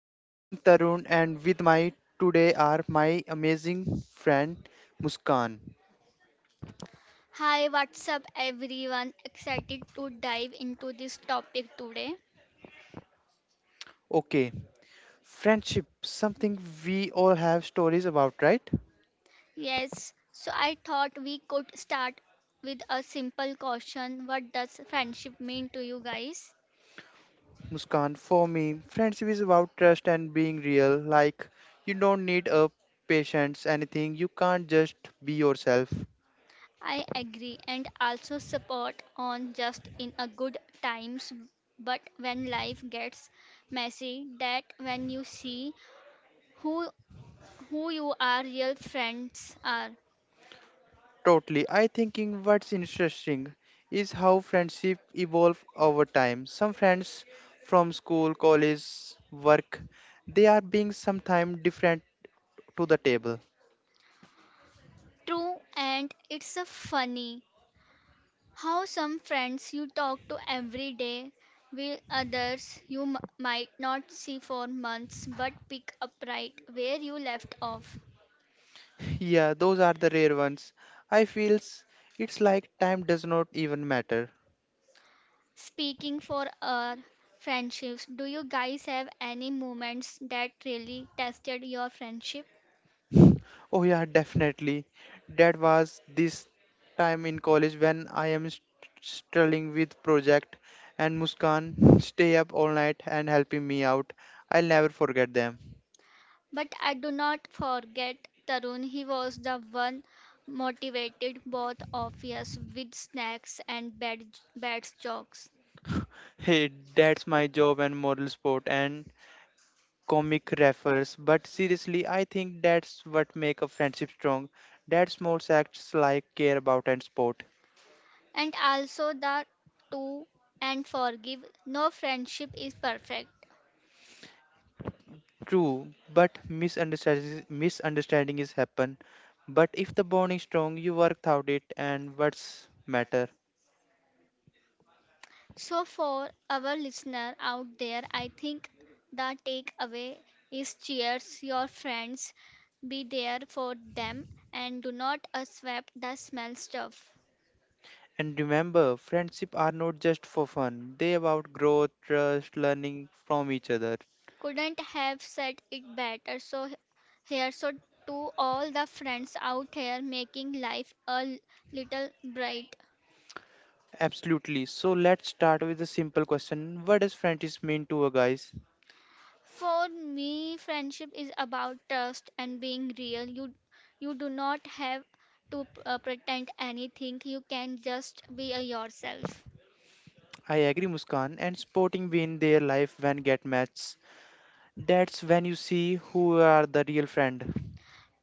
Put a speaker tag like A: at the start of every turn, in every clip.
A: Talk. I am Tarun and with my today are my amazing friend Muskan.
B: Hi, what's up, everyone? Excited to dive into this topic today.
A: Okay, friendship, something we all have stories about, right?
B: Yes, so I thought we could start with a simple question. What does friendship mean to you guys?
A: Muskan, for me, friendship is about trust and being real. Like, you don't need a patience, anything. You can't just be yourself.
B: I agree and also support on just in a good times, but when life gets messy, that when you see who who you are real friends are.
A: Totally. I thinking what's interesting is how friendship evolve over time. Some friends from school, college, work, they are being sometimes different to the table.
B: True, and it's a funny. How some friends you talk to every day, will others you might not see for months but pick up right where you left off.
A: Yeah, those are the rare ones. I feels it's like time does not even matter.
B: Speaking for our friendships, do you guys have any moments that really tested your friendship?
A: Oh yeah, definitely. That was this time in college when struggling with project and Muskan stay up all night and helping me out. I'll never forget them.
B: But I do not forget Tarun, he was the one motivated both of us with snacks and bad jokes.
A: Hey, that's my job and moral support and comic refers. But seriously, I think that's what make a friendship strong. That small acts like care about and support.
B: And also the to and forgive. No friendship is perfect.
A: True, but misunderstanding is happen. But if the bond is strong, you work out it and what's matter.
B: So, for our listener out there, I think the takeaway is cheers your friends, be there for them, and do not the smell stuff.
A: And remember, friendship are not just for fun. They about growth, trust, learning from each other.
B: Couldn't have said it better. So, here, so to all the friends out here making life a little bright.
A: Absolutely. So let's start with a simple question. What does friendship mean to a guys?
B: For me, friendship is about trust and being real. You do not have to pretend anything. You can just be yourself.
A: I agree, Muskan. And sporting win their life when get matched. That's when you see who are the real friend.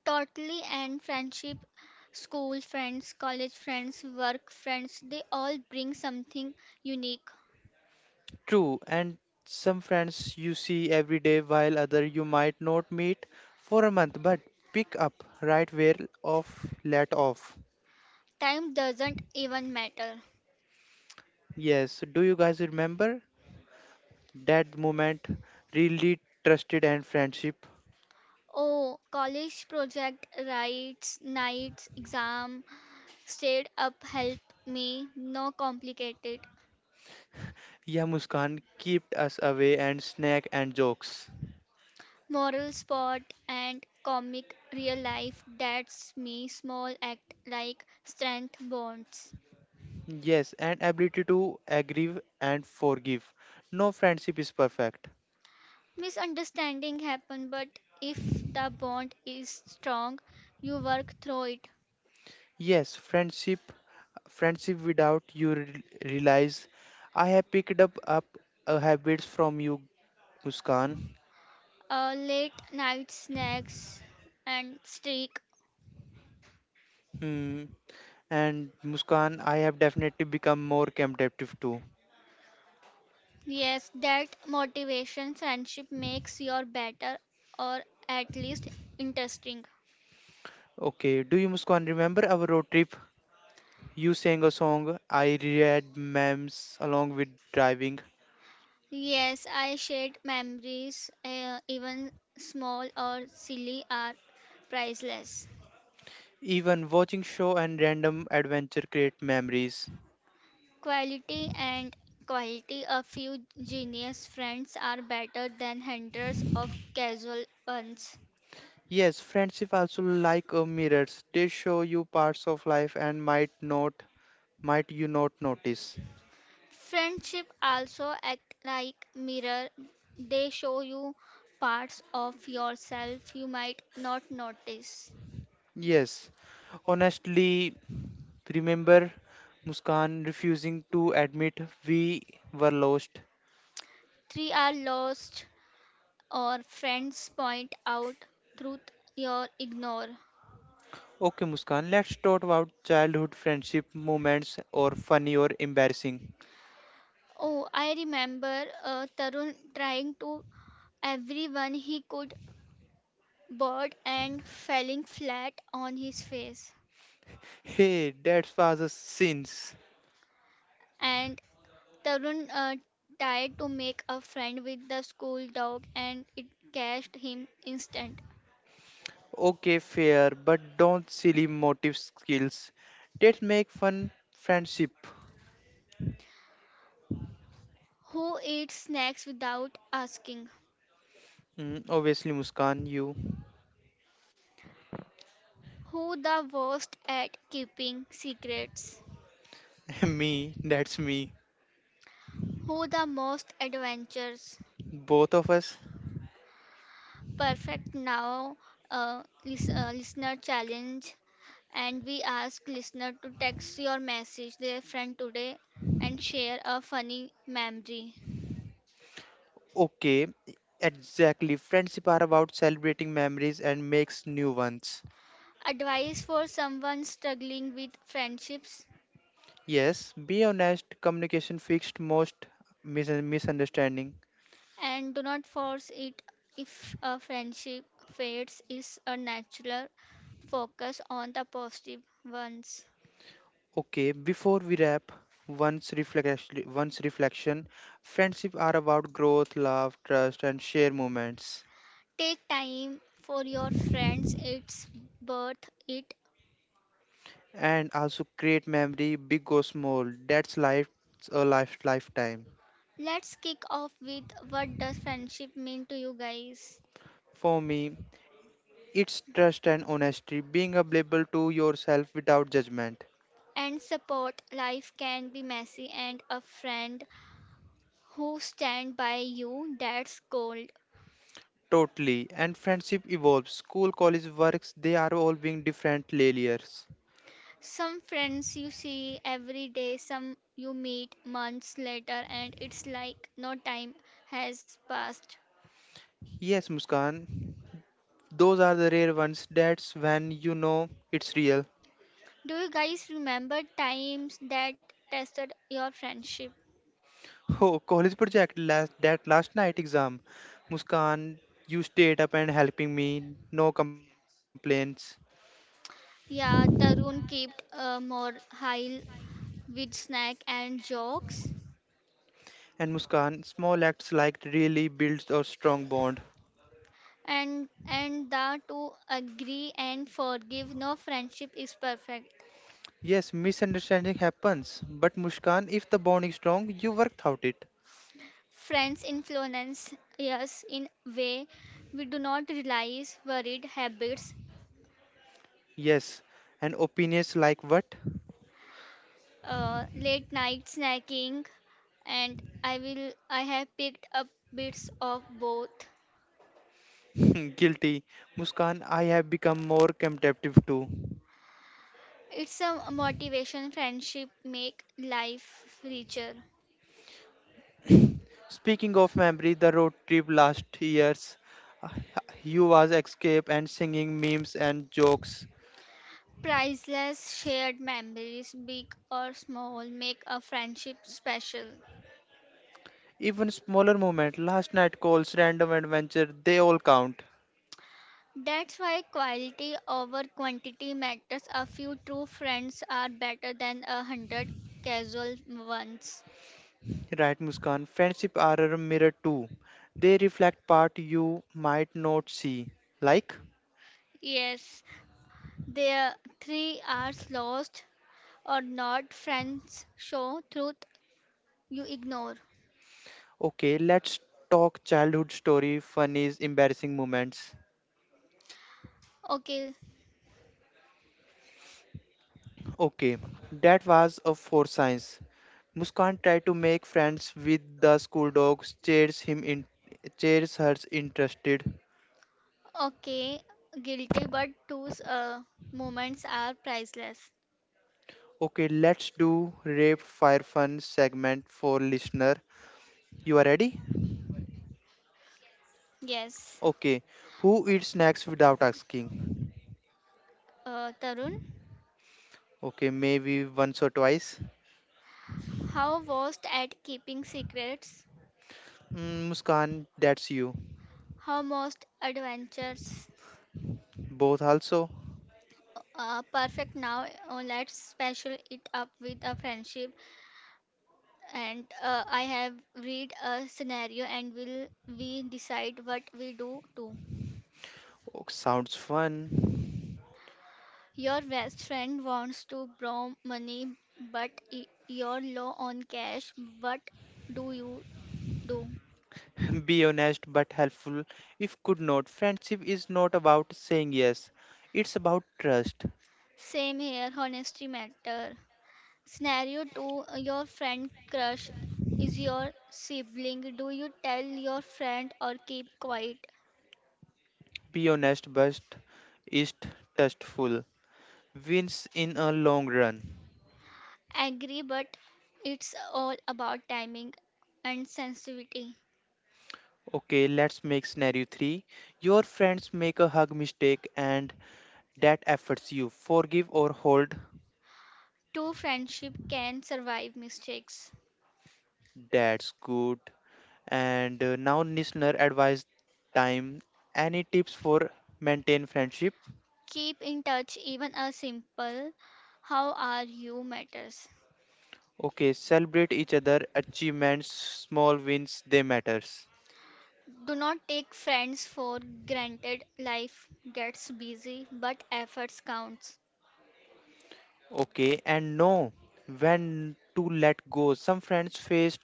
B: Totally, and friendship, school friends, college friends, work friends, they all bring something unique.
A: True, and some friends you see every day while other you might not meet for a month, but pick up right where off let off.
B: Time doesn't even matter.
A: Yes, do you guys remember that moment? Really trusted and friendship.
B: Oh, college project, rights, nights, exam, stayed up, help me, no complicated.
A: Yeah, Muskan kept us away and snack and jokes.
B: Moral spot and comic real life, that's me small act like strength bonds.
A: Yes, and ability to agree and forgive. No friendship is perfect.
B: Misunderstanding happen, but if the bond is strong you work through it.
A: Yes, friendship without realize. I have picked up habits from you, Muskan.
B: Late night snacks and streak.
A: Hmm. And Muskan, I have definitely become more competitive too.
B: Yes, that motivation friendship makes your better, or at least interesting.
A: Okay, do you Muskan remember our road trip? You sang a song, I read memes along with driving.
B: Yes, I shared memories, even small or silly, are priceless.
A: Even watching show and random adventure create memories.
B: Quality and quality, a few genius friends are better than hundreds of casual ones.
A: Yes, friendship also like a mirrors. They show you parts of life and might not might you not notice.
B: Friendship also act like mirror. They show you parts of yourself you might not notice.
A: Yes, honestly, remember Muskan refusing to admit we were lost.
B: Three are lost or friends point out truth you ignore.
A: Okay, Muskan, let's talk about childhood friendship moments or funny or embarrassing.
B: Oh, I remember Tarun trying to everyone he could bird and falling flat on his face.
A: Hey, that was a sins.
B: And Tarun tried to make a friend with the school dog and it catched him instant.
A: Okay, fair, but don't silly motive skills. Let's make fun friendship.
B: Who eats snacks without asking?
A: Mm, obviously, Muskan, you,
B: Who the worst at keeping secrets?
A: me, that's me.
B: Who the most adventures?
A: Both of us.
B: Perfect now, listener challenge, and we ask listener to text your message their friend today and share a funny memory.
A: Okay, exactly. Friendship are about celebrating memories and makes new ones.
B: Advice for someone struggling with friendships,
A: Yes, be honest, communication fixed most misunderstanding.
B: and do not force it. If a friendship fades is a natural, focus on the positive ones.
A: Okay, before we wrap, once reflection, friendship are about growth, love, trust, and share moments,
B: Take time for your friends, it's worth it.
A: and also create memory, big or small. That's life, lifetime.
B: Let's kick off with, what does friendship mean to you guys?
A: For me, it's trust and honesty, being available to yourself without judgment.
B: And support, life can be messy and a friend who stand by you, that's gold.
A: Totally. And friendship evolves. School, college, works, they are all being different layers.
B: Some friends you see every day, some you meet months later and it's like no time has passed.
A: Yes, Muskan. Those are the rare ones. That's when you know it's real.
B: Do you guys remember times that tested your friendship?
A: Oh, college project last night exam. Muskan, you stayed up and helping me. No complaints.
B: Yeah, Tarun kept more high with snack and jokes.
A: And Muskan, small acts like really builds a strong bond.
B: And the to agree and forgive. No friendship is perfect.
A: Yes, misunderstanding happens, but Muskan, if the bond is strong, you worked out it.
B: Friends influence us in way we do not realize, worried habits.
A: Yes, and opinions like what?
B: Late night snacking, and I have picked up bits of both.
A: Guilty. Muskan, I have become more contemplative too.
B: It's a motivation, friendship make life richer.
A: Speaking of memory, the road trip last years, uh, you was escape and singing memes and jokes.
B: Priceless shared memories, big or small, make a friendship special.
A: Even smaller moment, last night calls, random adventure, they all count.
B: That's why quality over quantity matters. A few true friends are better than a hundred casual ones.
A: Right, Muskan, friendship are a mirror too. They reflect part you might not see. Like,
B: Yes, their 3 hours lost or not, friends show truth you ignore.
A: okay, let's talk childhood story, funnies, embarrassing moments.
B: Okay,
A: Okay, that was a four science. Muskan tried to make friends with the school dog, cheers him in, cheers her interested.
B: okay, guilty, but those moments are priceless.
A: Okay, let's do rape fire fun segment for listener. You are ready?
B: Yes,
A: Okay. Who eats snacks without asking?
B: Tarun,
A: Okay, maybe once or twice.
B: how worst at keeping secrets?
A: Mm, Muskan, that's you.
B: How most adventures?
A: Both also.
B: Perfect now. Let's special it up with a friendship, and I have read a scenario, and will we decide what we do too.
A: Oh, sounds fun.
B: Your best friend wants to borrow money, but you're low on cash. What do you do?
A: Be honest but helpful. If could not, friendship is not about saying yes. It's about trust.
B: Same here. Honesty matter. Scenario two. Your friend crush is your sibling. Do you tell your friend or keep quiet?
A: Be honest, but is tasteful. Wins in a long run.
B: Agree, but it's all about timing and sensitivity.
A: Okay, let's make scenario 3. Your friends make a hug mistake and that affects you. Forgive or hold.
B: Two friendship can survive mistakes.
A: That's good. And now listener advice time. Any tips for maintain friendship?
B: Keep in touch, even a simple how are you matters.
A: Okay, celebrate each other achievements, small wins, they matters.
B: Do not take friends for granted. Life gets busy, but efforts counts.
A: Okay, and know when to let go. Some friends face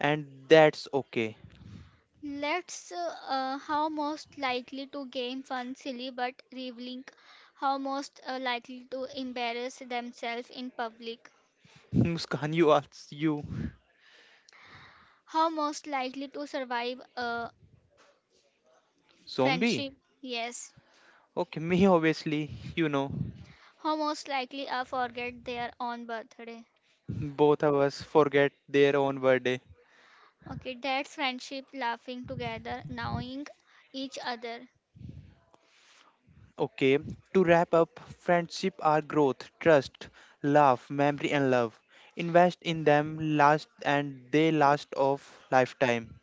A: and that's okay.
B: Let's how most likely to gain fun silly but revealing, how most likely to embarrass themselves in public.
A: Muskan, you asks you,
B: How most likely to survive a
A: zombie?
B: friendship? Yes.
A: Okay, me obviously, you know,
B: How most likely are forget their own birthday?
A: both of us forget their own birthday.
B: Okay, that's friendship, laughing together, knowing each other.
A: Okay, to wrap up, friendship are growth, trust, love, memory, and love. Invest in them last and they last of lifetime.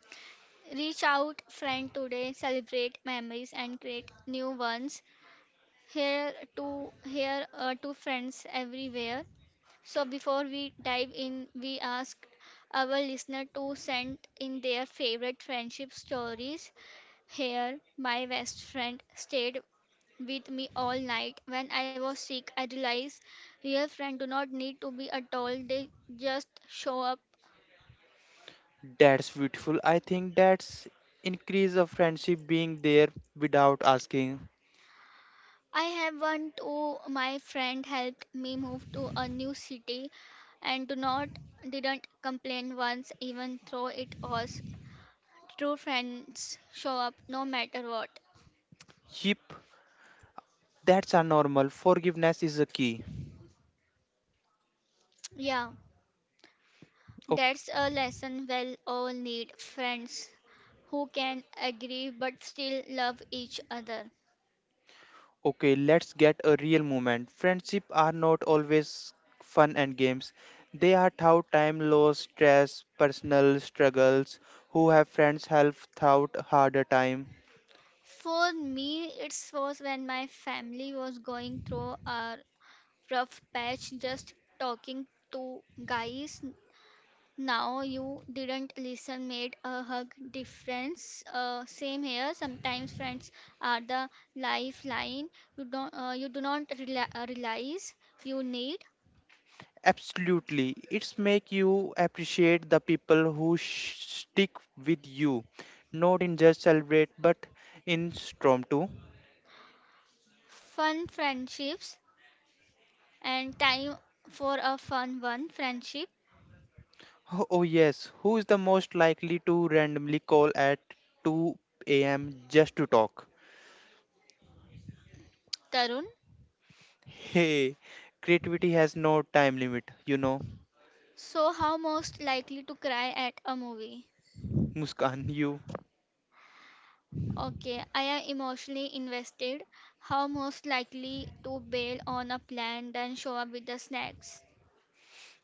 B: Reach out friend today, celebrate memories and create new ones. Here to here to friends everywhere. So before we dive in, we asked our listener to send in their favorite friendship stories. Here, my best friend stayed with me all night. When I was sick, I realized real friends do not need to be at all, they just show up.
A: That's beautiful. I think that's increase of friendship being there without asking.
B: I have one too. My friend helped me move to a new city and do not didn't complain once, even though it was true friends show up no matter what.
A: Yep, that's a normal. Forgiveness is a key.
B: Yeah,
A: O-
B: that's a lesson, we'll all need friends who can agree but still love each other.
A: Okay, let's get a real moment. Friendship are not always fun and games. They are through time loss, stress, personal struggles, who have friends help throughout harder time.
B: For me, it was when my family was going through a rough patch, just talking to guys. Now you didn't listen made a hug difference. Same here. Sometimes friends are the lifeline. You don't. You do not realize you need
A: Absolutely. It's make you appreciate the people stick with you, not in just celebrate but in storm too.
B: fun friendships, and time for a fun one friendship.
A: Oh, oh, yes, who is the most likely to randomly call at 2 a.m. just to talk?
B: Tarun.
A: Hey, creativity has no time limit, you know.
B: So how most likely to cry at a movie?
A: Muskan, you.
B: Okay, I am emotionally invested. How most likely to bail on a plan than show up with the snacks?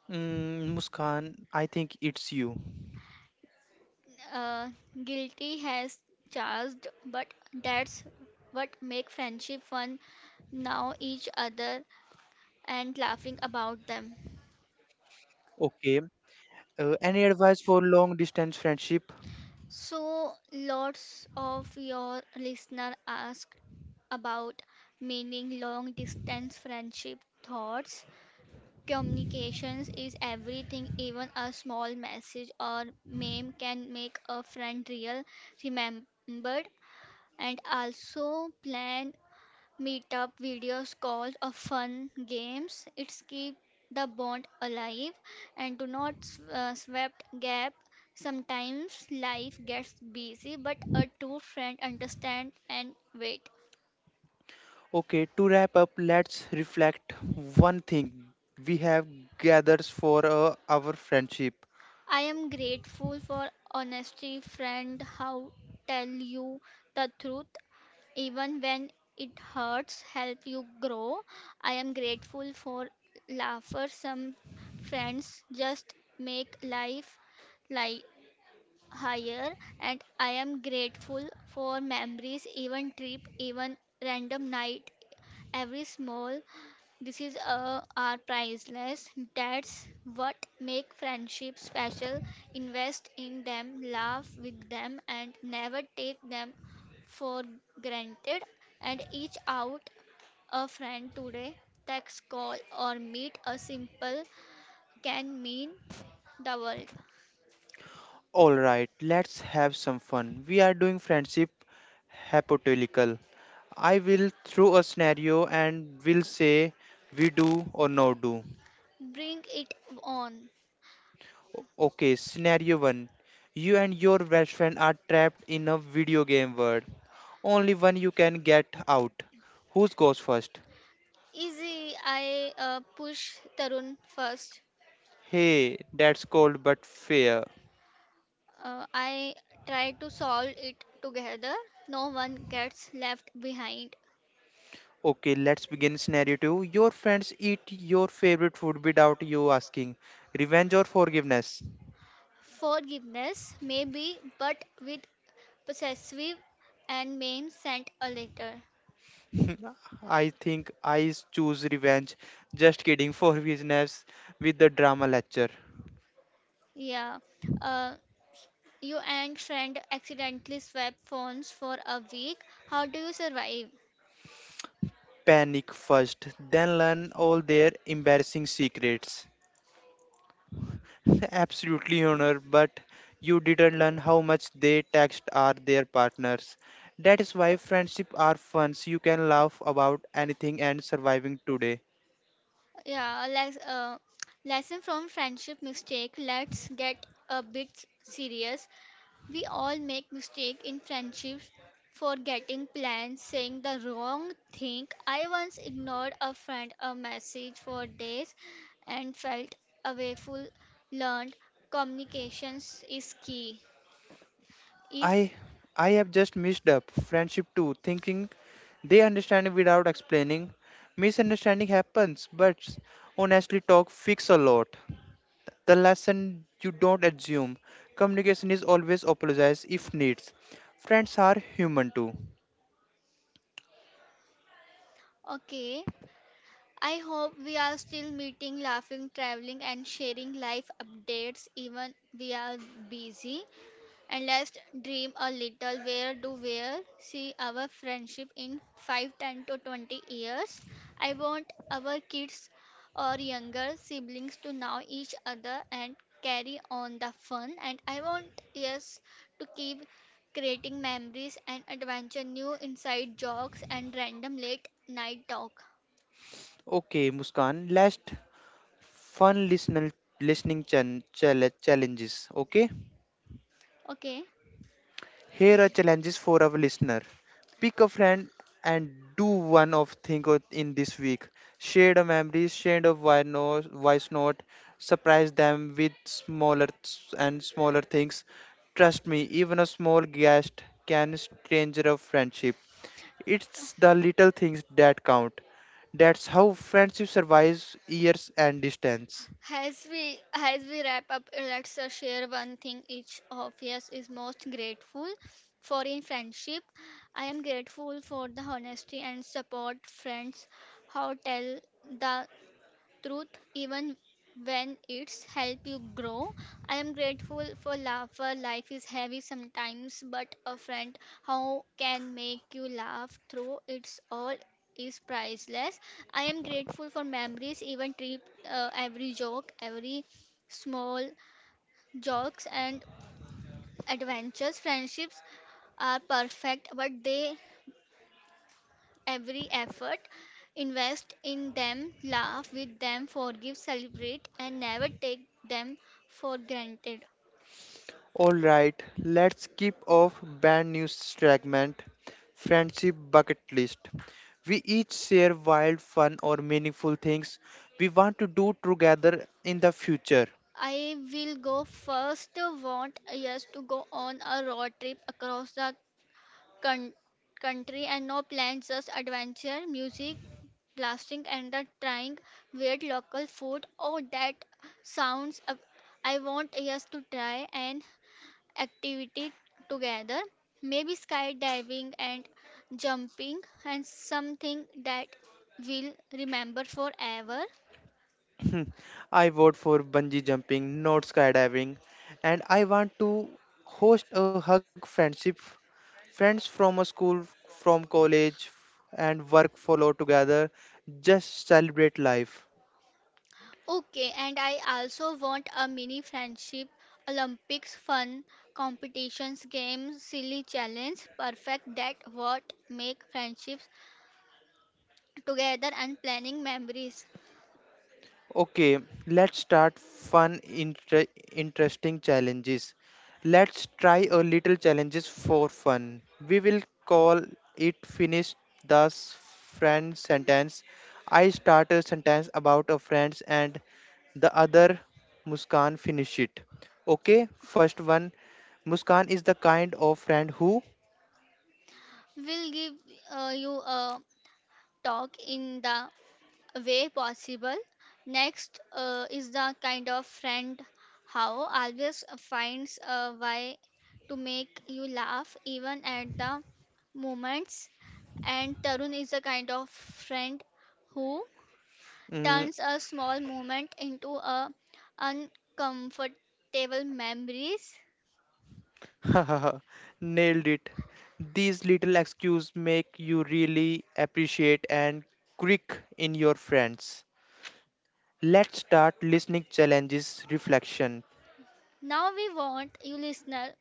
A: Mm, Muskan, I think it's you.
B: Uh, Guilty has charged, but that's what make friendship fun, now each other and laughing about them.
A: Okay. Any advice for long distance friendship?
B: So lots of your listener ask about meaning long distance friendship thoughts. Communications is everything, even a small message or meme can make a friend real, remembered, and also plan meetup videos, calls, or fun games. It's keep the bond alive and do not swept gap. Sometimes life gets busy, but a true friend understand and wait.
A: Okay, to wrap up, let's reflect one thing we have gathers for our friendship.
B: I am grateful for honesty, friend. How tell you the truth even when it hurts, help you grow. I am grateful for laughter. Some friends just make life like higher, and I am grateful for memories, even trip, even random night. Every small this is are priceless. That's what make friendships special. Invest in them, laugh with them, and never take them for granted. And each out a friend today. Text, call, or meet a simple can mean the world.
A: All right, let's have some fun. We are doing friendship hypothetical. I will throw a scenario and will say we do or no do.
B: Bring it on.
A: Okay, scenario 1. You and your best friend are trapped in a video game world. Only one you can get out. Whose goes first?
B: Easy. I push Tarun first.
A: Hey, that's cold but fair.
B: I try to solve it together. No one gets left behind.
A: Okay, let's begin scenario 2. Your friends eat your favorite food without you asking. Revenge or forgiveness?
B: Forgiveness, maybe, but with possessive and maim sent a letter.
A: I think I choose revenge. Just kidding, forgiveness with the drama lecture.
B: Yeah. Uh, you and friend accidentally swap phones for a week. How do you survive?
A: Panic first, then learn all their embarrassing secrets. Absolutely honor, but you didn't learn how much they text are their partners. That is why friendship are fun. You can laugh about anything and surviving today.
B: Yeah. Lesson from friendship mistake. Let's get a bit serious. We all make mistakes in friendships, forgetting plans, saying the wrong thing. I once ignored a friend a message for days and felt awful. Learned communications is key. If
A: I I have just missed up friendship too, thinking they understand without explaining. Misunderstanding happens, but honestly talk fix a lot. The lesson you don't assume communication is always apologize if needs friends are human too.
B: okay, I hope we are still meeting, laughing, traveling and sharing life updates even we are busy. And let's dream a little, where do we see our friendship in 5, 10, to 20 years? I want our kids or younger siblings to know each other and carry on the fun. And I want us to keep creating memories and adventure new inside jokes and random late night talk.
A: Okay Muskan, last fun listening challenges, okay.
B: Okay.
A: Here are challenges for our listener. Pick a friend and do one of thing in this week. Share the memories, share the voice note, surprise them with smaller s- and smaller things. Trust me, even a small guest can stranger a friendship. It's the little things that count. That's how friendship survives years and distance.
B: As we wrap up, let's share one thing each of us is most grateful for in friendship. I am grateful for the honesty and support friends, how tell the truth even when it's help you grow. I am grateful for laugh. For life is heavy sometimes, but a friend how can make you laugh through it's all is priceless. I am grateful for memories, even trip, every joke, every small jokes and adventures. Friendships are perfect, but they every effort, invest in them, laugh with them, forgive, celebrate, and never take them for granted.
A: All right, let's keep off band news segment, friendship bucket list. We each share wild, fun, or meaningful things we want to do together in the future.
B: I will go first. Want us to go on a road trip across the coun- country and no plans, just adventure, music, blasting, and the trying weird local food. Oh, that sounds. I want us to try and activity together, maybe skydiving and jumping, and something that we'll remember forever.
A: Hmm, I vote for bungee jumping, not skydiving, and I want to host a hug friendship friends from a school, from college, and work follow together. Just celebrate life.
B: Okay, and I also want a mini friendship Olympics, fun competitions, games, silly challenge, perfect that what make friendships together and planning memories,
A: Okay, let's start fun, interesting challenges. Let's try a little challenges for fun. We will call it finish the friend sentence. I start a sentence about a friend and the other Muskan finish it. Okay, first one. Muskan is the kind of friend who
B: will give you a talk in the way possible. Next is the kind of friend how always finds a way to make you laugh even at the moments. And Tarun is the kind of friend who
A: mm,
B: turns a small moment into a uncomfortable memories.
A: nailed it. These little excuses make you really appreciate and quick in your friends. Let's start listening challenges reflection.
B: Now we want you listener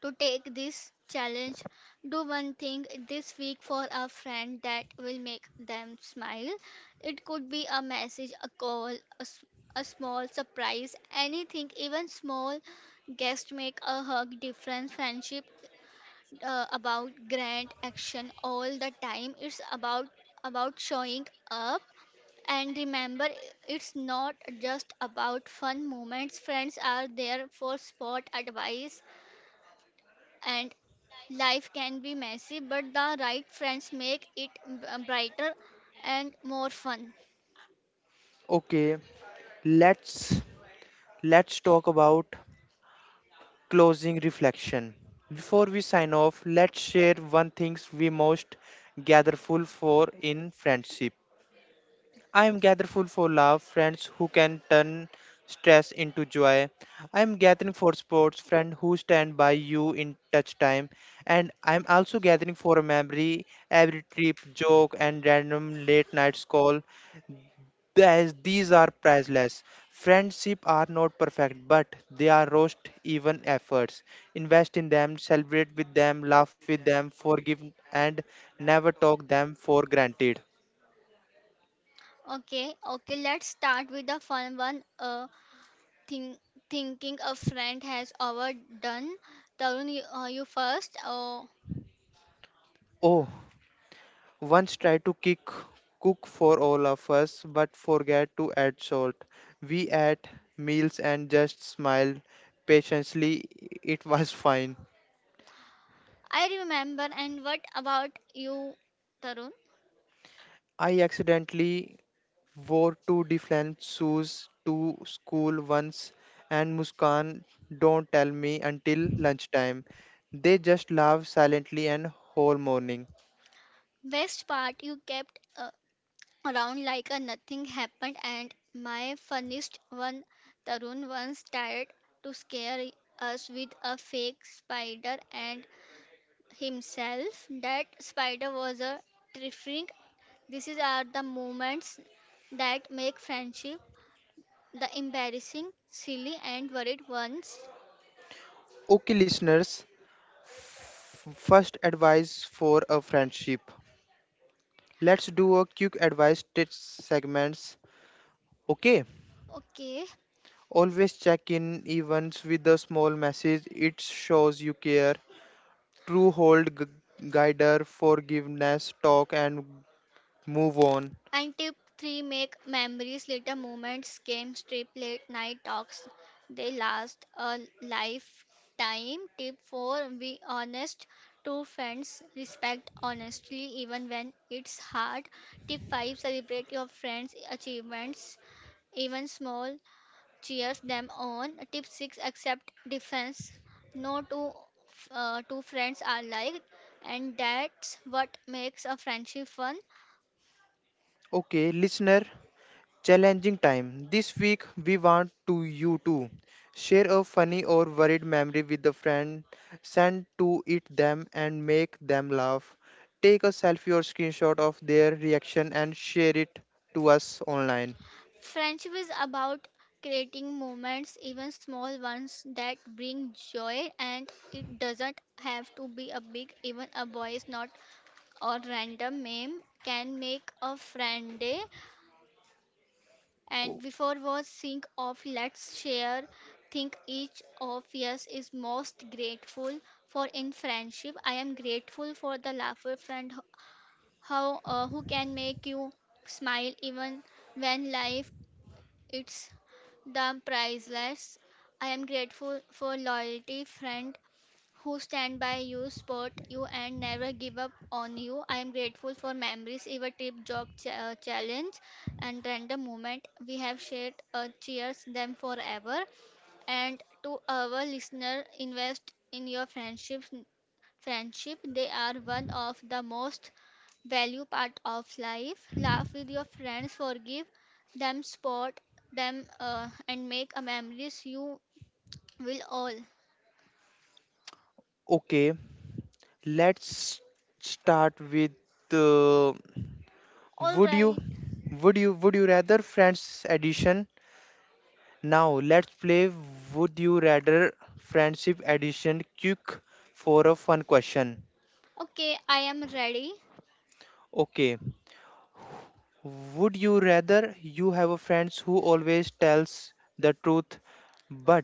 B: to take this challenge. Do one thing this week for a friend that will make them smile. It could be a message, a call, a, s- a small surprise, anything, even small gest make a hug difference. Friendship about grand action all the time. It's about showing up and remember it's not just about fun moments, friends are there for sport advice and life can be messy, but the right friends make it brighter and more fun.
A: Okay, let's let's talk about closing reflection. Before we sign off, let's share one things we most gatherful for in friendship. I am grateful for love, friends who can turn stress into joy. I am gathering for sports, friends who stand by you in touch time. And I am also gathering for a memory, every trip, joke, and random late night call. These are priceless. Friendship are not perfect, but they are roast even efforts. Invest in them, celebrate with them, laugh with them, forgive and never talk them for granted.
B: Okay, okay, let's start with the fun one. Think, Thinking a friend has overdone. Tarun, you, you first. Oh,
A: Oh, Once tried to kick, cook for all of us, but forgot to add salt. We ate meals and just smiled patiently. It was fine.
B: I remember. And what about you, Tarun?
A: I accidentally wore two different shoes to school once, and Muskan don't tell me until lunchtime. They just laugh silently and whole morning.
B: Best part you kept. Around like a nothing happened, and my funniest one, Tarun once tried to scare us with a fake spider and himself that spider was a terrifying. These are the moments that make friendship the embarrassing, silly and worried ones.
A: Okay, listeners, first advice for a friendship. Let's do a quick advice tips segments. Okay.
B: Okay.
A: Always check in events with a small message. It shows you care. True hold guider forgiveness talk and move on.
B: And tip 3, make memories, little moments, games, trip, late night talks. They last a lifetime. Tip 4, be honest to friends. Respect honestly even when it's hard. Tip 5, celebrate your friends' achievements, even small. Cheers them on. Tip 6, accept difference. No two friends are like, and that's what makes a friendship fun.
A: Okay, listener, challenging time. This week we want to you to share a funny or worried memory with a friend, send to it them and make them laugh. Take a selfie or screenshot of their reaction and share it to us online.
B: Friendship is about creating moments, even small ones, that bring joy, and it doesn't have to be a big, even a voice note or random meme can make a friend day.
A: O-
B: And before was think of, let's share. Think each of us is most grateful for in friendship. I am grateful for the laughter friend who- how who can make you smile even when life it's the priceless. I am grateful for loyalty friend who stand by you, support you, and never give up on you. I am grateful for memories, even trip, jog, challenge, and random moment we have shared. Cheers them forever. And to our listener, invest in your friendships. Friendship, they are one of the most value part of life. Laugh with your friends, forgive them, support them, and make a memories you will all.
A: Okay, let's start with uh,
B: All
A: would you
B: right.
A: would you would you rather friends edition. Now let's play would you rather friendship edition quick for a fun question.
B: Okay, I am ready.
A: Okay, would you rather you have a friends who always tells the truth but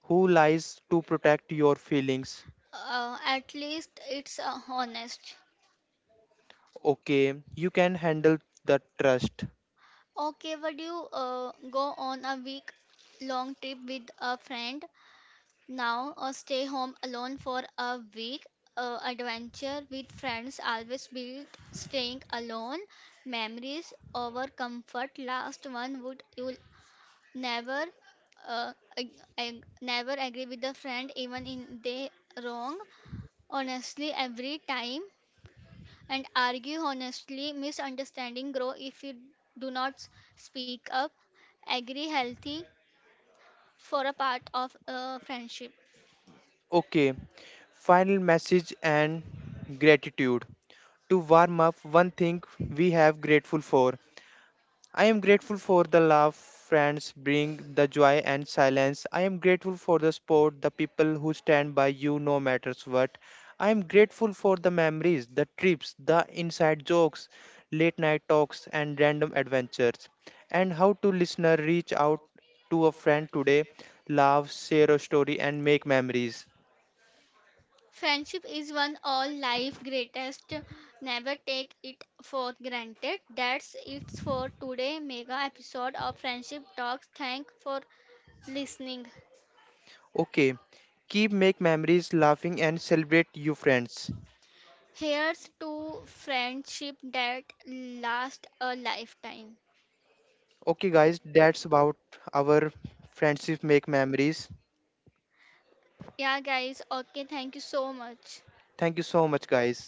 A: who lies to protect your feelings?
B: At least it's honest.
A: Okay, you can handle the trust.
B: Okay, would you go on a week long trip with a friend? Now, or stay home alone for a week. Adventure with friends always beat staying alone. Memories over comfort. Last one, would you'll never, never agree with the friend even in they wrong. Honestly, every time and argue honestly. Misunderstanding grow if you do not speak up. Agree healthy for a part of friendship.
A: Okay, final message and gratitude. To warm up, one thing we have grateful for. I am grateful for the love friends bring, the joy and silence. I am grateful for the support, the people who stand by you no matters what. I am grateful for the memories, the trips, the inside jokes, late night talks and random adventures. And how to listener reach out to a friend today, laugh, share a story and make memories.
B: Friendship is one all life greatest. Never take it for granted. That's it for today mega episode of Friendship Talks. Thank for listening.
A: Okay, keep make memories laughing and celebrate you friends.
B: Here's to friendship that last a lifetime.
A: Okay guys, that's about our friendship make memories.
B: Yeah guys, okay, thank you so much.
A: Thank you so much guys.